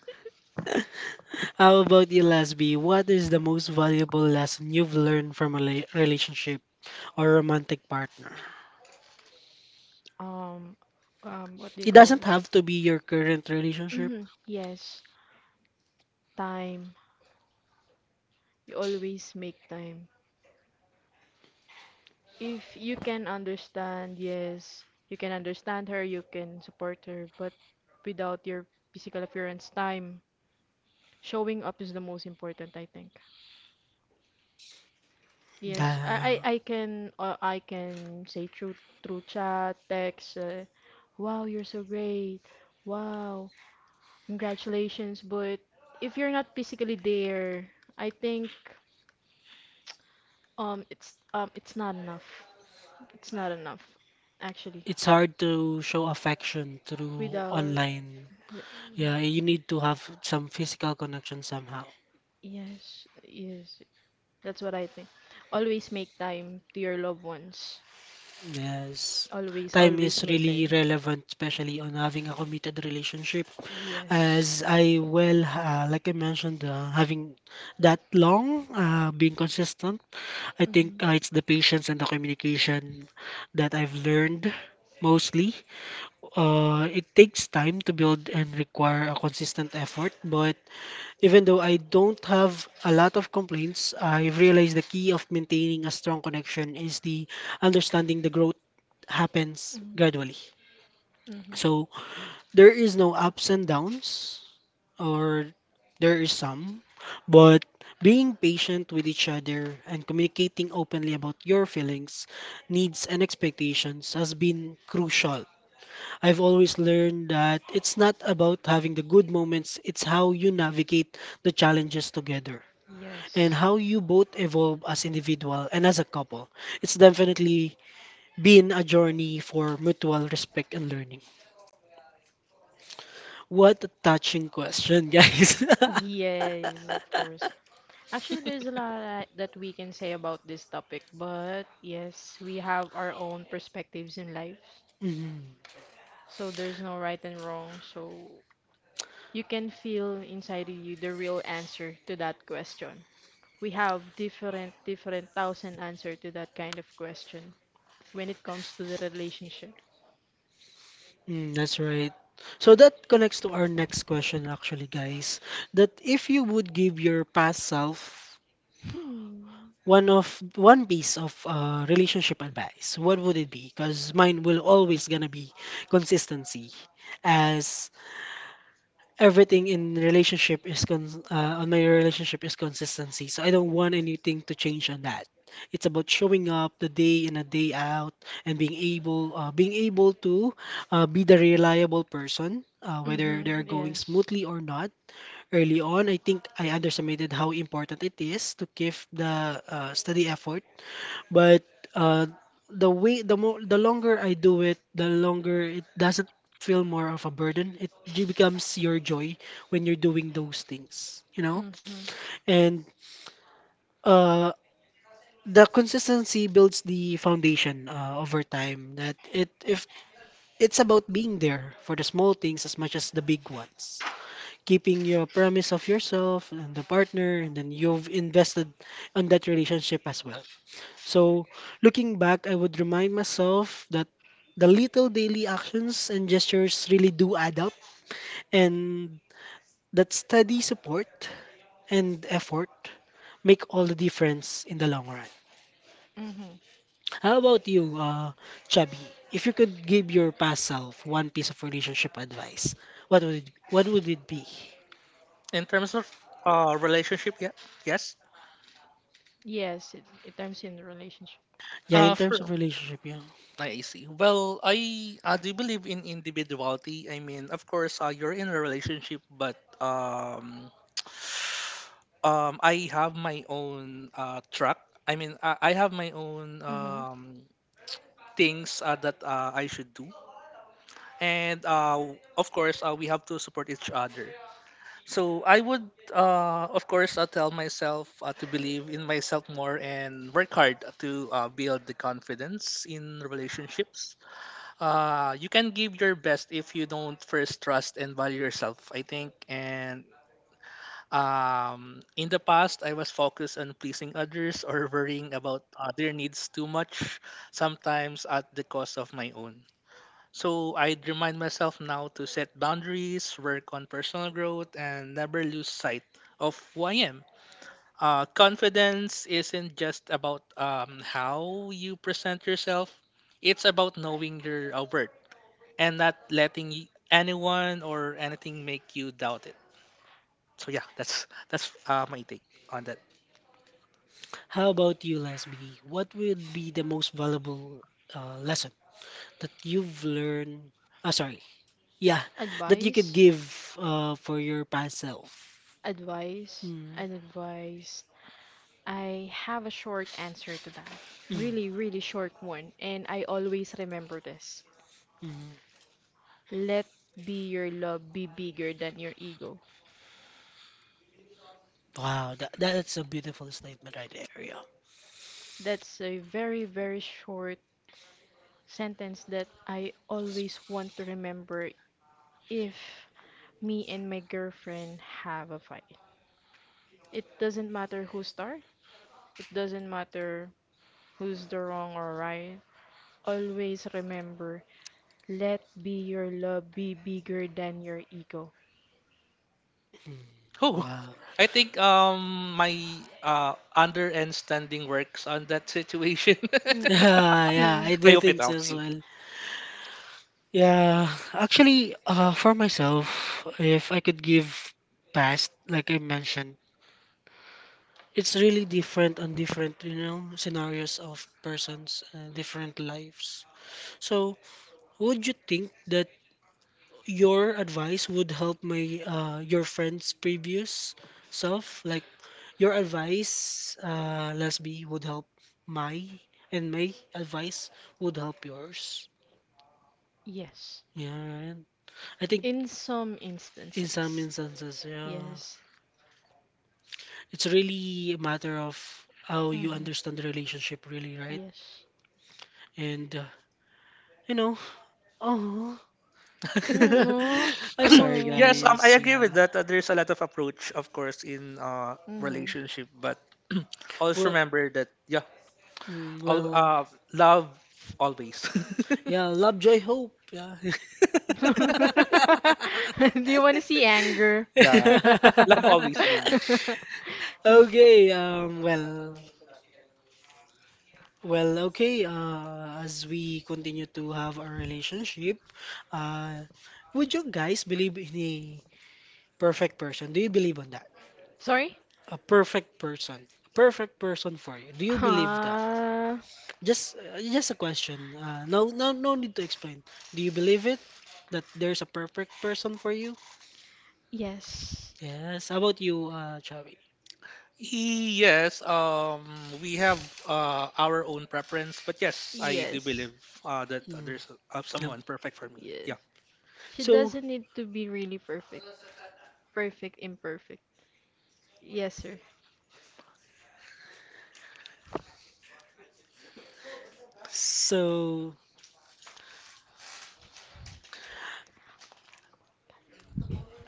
[laughs] How about you, Lasby? What is the most valuable lesson you've learned from a relationship or romantic partner? um, what do you It call doesn't this? have to be your current relationship. Mhm. Yes, time. You always make time. If you can understand, yes, you can understand her, you can support her, but without your physical appearance, time, showing up is the most important, I think. Yes, Yeah. I can I can say through chat, text, wow, you're so great. Wow, congratulations, but if you're not physically there, I think it's it's not enough. It's not enough, actually. It's hard to show affection through Without online. wi- Yeah, you need to have some physical connection somehow. Yes, yes, that's what I think. Always make time to your loved ones. Yes. always Time always is make time. really relevant, especially on having a committed relationship. Yes, As I well, like I mentioned, having that long, being consistent, I think mm-hmm. It's the patience and the communication that I've learned mostly. It takes time to build and require a consistent effort, but even though I don't have a lot of complaints, I've realized the key of maintaining a strong connection is the understanding the growth happens Hmm. gradually. Hmm. So there is no ups and downs, or there is some, but being patient with each other and communicating openly about your feelings, needs, and expectations has been crucial. I've always learned that it's not about having the good moments, it's how you navigate the challenges together and Yes. how you both evolve as individual and as a couple. It's definitely been a journey for mutual respect and learning. What a touching question, guys. Yes, of course. [laughs] Actually, there's a lot that we can say about this topic, but yes, we have our own perspectives in life, Mm, so there's no right and wrong. So you can feel inside you the real answer to that question. We have different, different thousand answer to that kind of question when it comes to the relationship. mm, that's right. So that connects to our next question, actually, guys. That if you would give your past self Hmm. one piece of relationship advice, what would it be? Because mine will always gonna be consistency, as everything in relationship is cons on my relationship is consistency. So I don't want anything to change on that. It's about showing up the day in and day out and being able to be the reliable person, whether they're Mm-hmm. going Yes. smoothly or not. Early on, I think I underestimated how important it is to give the study effort, but uh, the way, the longer I do it, the longer it doesn't feel more of a burden. Becomes your joy when you're doing those things, you know? Mm-hmm. And uh, the consistency builds the foundation over time. That it if It's about being there for the small things as much as the big ones. Keeping your promise of yourself and the partner, and then you've invested on that relationship as well. So, looking back, I would remind myself that the little daily actions and gestures really do add up, and that steady support and effort make all the difference in the long run. Mm-hmm. How about you, Chubby? If you could give your past self one piece of relationship advice, what would it be? In terms of relationship, yeah? Yes, Yes, it terms in the relationship. Yeah, in terms of sure. relationship, yeah. I see. Well, I do believe in individuality. I mean, of course, you're in a relationship, but [sighs] I have my own track. I mean, I have my own Mm-hmm. Things that I should do, and of course, we have to support each other. So I would, of course, tell myself to believe in myself more and work hard to build the confidence in relationships. You can give your best if you don't first trust and value yourself, I think. And in the past, I was focused on pleasing others or worrying about other needs too much, sometimes at the cost of my own. So I'd remind myself now to set boundaries, work on personal growth, and never lose sight of who I am. Confidence isn't just about how you present yourself, it's about knowing your worth and not letting anyone or anything make you doubt it. So yeah, that's my take on that. How about you, Lesbi? What would be the most valuable lesson that you've learned? Ah, sorry. Yeah, that you could Advice, give for your past self. advice, Mm, and advice. I have a short answer to that. mm, Really, really short one, and I always remember this. mm. Let be your love be bigger than your ego. Wow, that, that's a beautiful statement right there. Yeah. That's a very, very short sentence that I always want to remember if me and my girlfriend have a fight. It doesn't matter who start, it doesn't matter who's the wrong or right. Always remember, let be your love be bigger than your ego. Mm, Oh, wow. [laughs] I think my under and standing works on that situation. Mm-mm. [laughs] Yeah, yeah, I [laughs] I do hope it think so helps as you. well. Yeah, actually, for myself, if I could give past, like I mentioned, it's really different on different, you know, scenarios of persons, different lives. So, would you think that? Your advice would help my your friend's previous self. Like your advice, Lesbi, would help my, and my advice would help yours. Yes. Yeah, right. I think In some in some instances. instances, yeah. Yes. It's really a matter of how you Hmm. understand the relationship, really, right? Yes. And you know, oh, Mm, [laughs] no. I'm sorry, [clears throat] Yes, Hmm. I guys. agree Yeah. with that. There's a lot of approach, of course, in relationship, but [clears throat] always Well, remember that, yeah, mm, all well, love always. yeah, love, joy, hope, yeah. [laughs] [laughs] Do you want to see anger? [laughs] Yeah, love [laughs] always wins. Okay, well, well, okay, as we continue to have our relationship, uh, would you guys believe in a perfect person? Do you believe on that? Sorry? A perfect person. Perfect person for you. Do you believe that? Uh, Just a question. No, no, no need to explain. Do you believe it that there's a perfect person for you? yes. Yes. How about you, Chavi? Yes, we have our own preference, but yes, I do Yes. believe that Mm, there's yep. someone perfect for me. Yes. Yeah, She So doesn't need to be really perfect. Perfect, imperfect. Yes, sir. so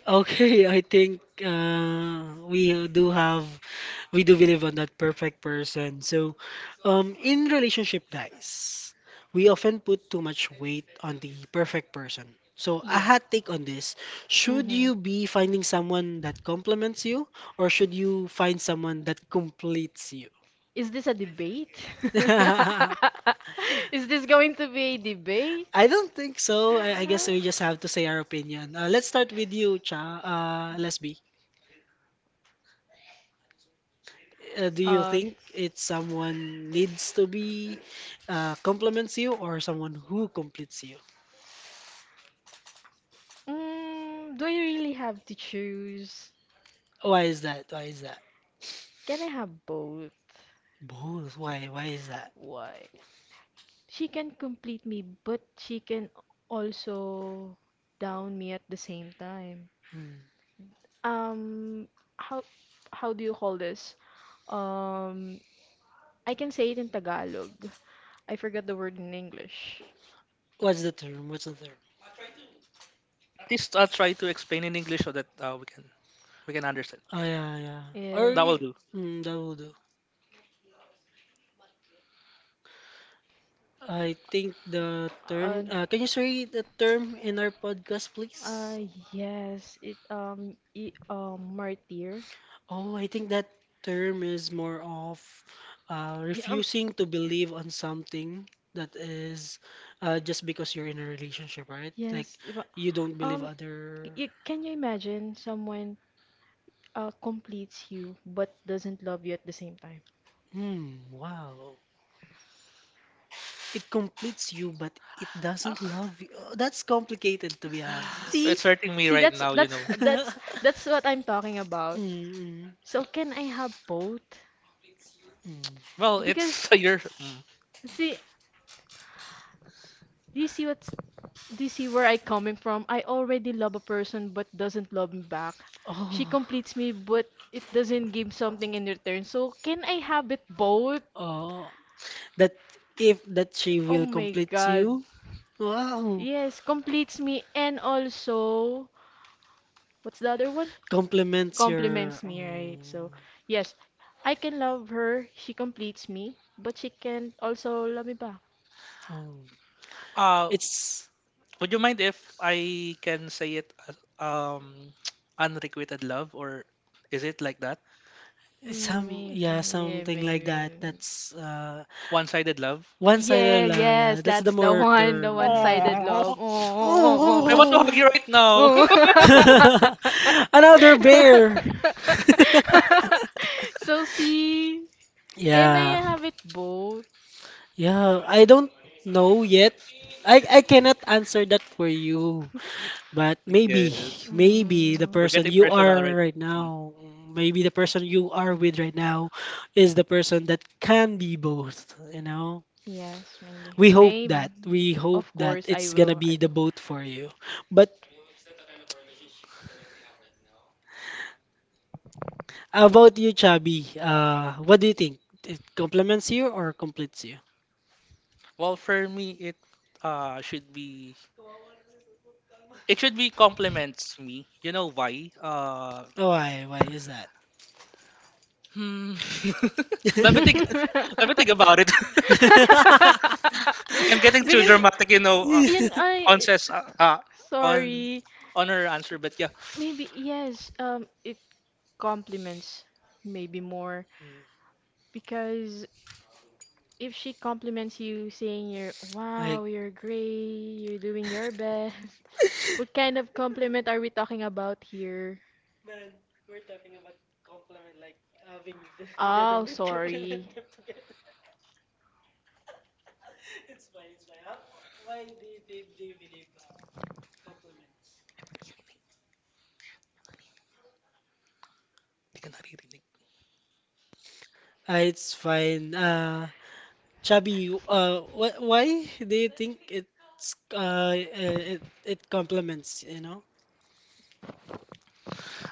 okay. [laughs] I think we do have, we do believe on that perfect person. So, in relationship, guys, we often put too much weight on the perfect person. So, a Yeah. hot take on this: should Mm-hmm. you be finding someone that complements you, or should you find someone that completes you? [laughs] Is this a debate? [laughs] Is this going to be a debate? I don't think so. I guess we just have to say our opinion. Let's start with you, Cha. Lesbi. Do you Uh, think it's someone needs to be complements you or someone who completes you? Do I really have to choose? Why is that? Why is that? Can I have both? Both. Why? Why is that? Why? She can complete me, but she can also down me at the same time. Hmm. um how how do you call this? Um I can say it in Tagalog. I forgot the word in English. What's the term? What's the term? please try to explain in English so that we can understand. Oh Yeah, yeah, yeah. Or Yeah. that will y- do. mm, that will do. I think the Uh, term. Can you say the term in our podcast, please? uh yes, it, I, martyr. Oh, I think that term is more of Yeah, refusing to believe on something that is just because you're in a relationship, right? Like yes, but you don't believe um, other. Can you imagine someone completes you but doesn't love you at the same time? Hmm. Wow. It completes you, but it doesn't [laughs] love you. Oh, that's complicated, to be honest. See, It's hurting me see, right that's now, you that's know. that's that's what [laughs] I'm talking about. Mm, mm, So can I have both? mm. Well, Because it's [laughs] your. Mm. see, do you see what's do you see where I coming from? I already love a person but doesn't love me back. Oh, She completes me but it doesn't give something in return. So can I have it both? oh, that if that she Oh will my complete God. you. Wow, Yes, completes me and also. What's the other one? complements your. Compliments me, right? Mm, So, yes, I can love her. She completes me, but she can also love me back. oh. Uh, It's would you mind if I can say it as [tsk] unrequited love, or is it like that? Mm, some, yeah, something like that. maybe. That's Yeah, yeah, like One-sided love? maybe. Yeah, one-sided love. Yeah, yes, that's the that's the more one, the term. Yeah. one-sided love. Oh, I Oh. want to What hug Oh. you about right. right now. Oh. [laughs] Another bear. [laughs] So see, yeah, [laughs] can I Yeah. have it both? Yeah, I don't know yet. I cannot answer that for you, but [laughs] maybe, Yes. maybe the We're person getting you personal are right right now. Mhm. now, maybe the person you are with right now is the person that can be both, you know? Yes, maybe. We hope Maybe. that. We hope Of that course, I it's gonna will. I be the will. both for you. But about you, Chubby? What do you think? It complements you or completes you? Well, for me, it should be it should be compliments me. You know why? Why? Why is that? hmm. [laughs] Let me think. [laughs] Let me think about it. [laughs] [laughs] I'm getting too Because dramatic, you know. In On I says on sorry, on her answer, but yeah. Maybe yes, it complements maybe more because if she compliments you saying you're Like, wow, you're great, you're doing your best, [laughs] what kind of compliment are we talking about here? Oh, sorry. [laughs] Hindi ka naririnig. It's fine. Chubby, wh why do you think it's it complements, you know?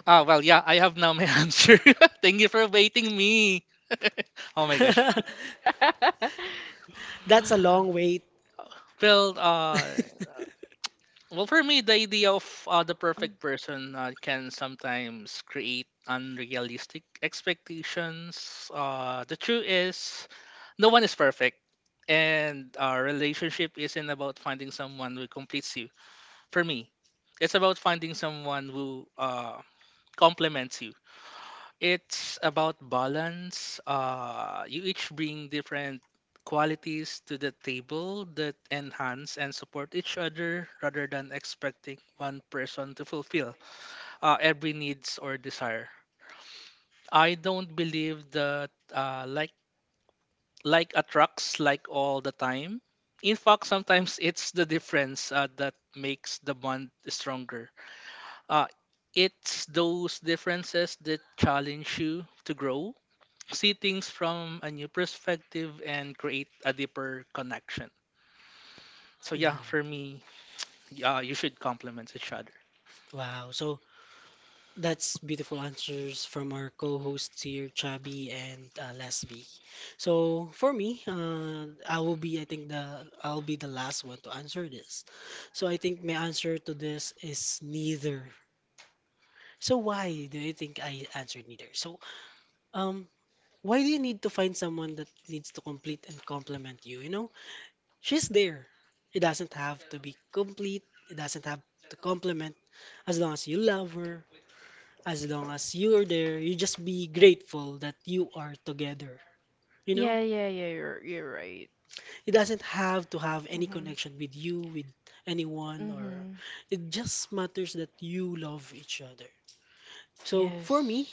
Ah, well, yeah, I have now my [laughs] answer. Thank you for waiting me. [laughs] Oh my gosh. [laughs] That's a long wait. [laughs] Well, uh, Well, for me, the idea of the Oh, perfect person can sometimes create unrealistic expectations. The truth is, no one is perfect, and our relationship isn't about finding someone who completes you. For me, it's about finding someone who complements you. It's about balance. You each bring different qualities to the table that enhance and support each other rather than expecting one person to fulfill every needs or desire. I don't believe that like attracts like all the time. In fact, sometimes it's the difference that makes the bond stronger. Uh, it's those differences that challenge you to grow, see things from a new perspective and create a deeper connection. So yeah, Mm, for me, you should complement each other. wow. So, that's beautiful answers from our co-hosts here, Chubby and Lesby. So for me, I will be, I think the I'll be the last one to answer this. So I think my answer to this is neither. So why do you think I answered neither? So um, why do you need to find someone that needs to complete and complement you? You know, she's there. It doesn't have to be complete. It doesn't have to complement, as long as you love her, as long as you're there, you just be grateful that you are together. You yeah, know? yeah, yeah, you're right. It doesn't have to have any Mhm. connection with you, with anyone, or Mhm. it just matters that you love each other. So for me, Yes.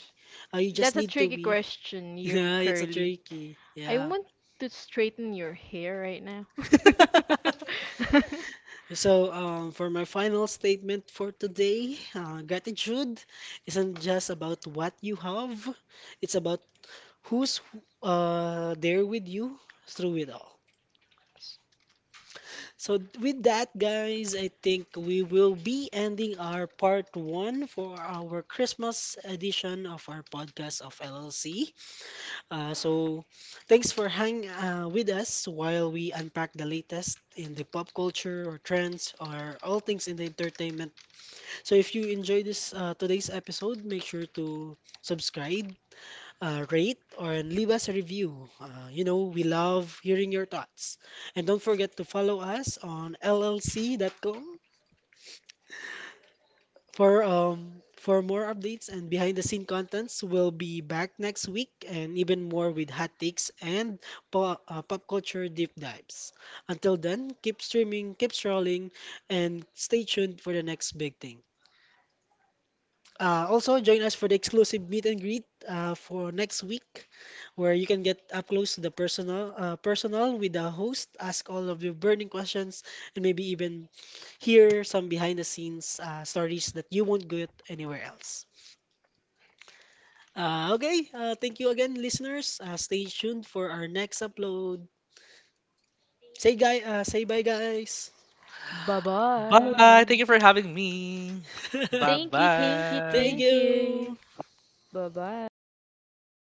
you just That's a need to tricky be. question, [laughs] you Yeah, it's a curly. tricky. I Yeah. [laughs] want to straighten your hair right now. [laughs] So, for my final statement for today, gratitude isn't just about what you have, it's about who's there with you through it all. S- So, with that, guys, I think we will be ending our part one for our Christmas edition of our podcast of LLC. So, thanks for hang with us while we unpack the latest in the pop culture or trends or all things in the entertainment. So, if you enjoyed this today's episode, make sure to subscribe, rate and leave us a review. You know, we love hearing your thoughts. And don't forget to follow us on LLC. Dot com for more updates and behind the scene contents. We'll be back next week and even more with hot takes and pop culture deep dives. Until then, keep streaming, keep scrolling, and stay tuned for the next big thing. Also, join us for the exclusive meet and greet for next week, where you can get up close to the personal with the host, ask all of your burning questions, and maybe even hear some behind the scenes stories that you won't get anywhere else. Okay, thank you again, listeners. Stay tuned for our next upload. Say bye, guys. Bye. Thank you for having me. Bye [laughs] Thank bye. you.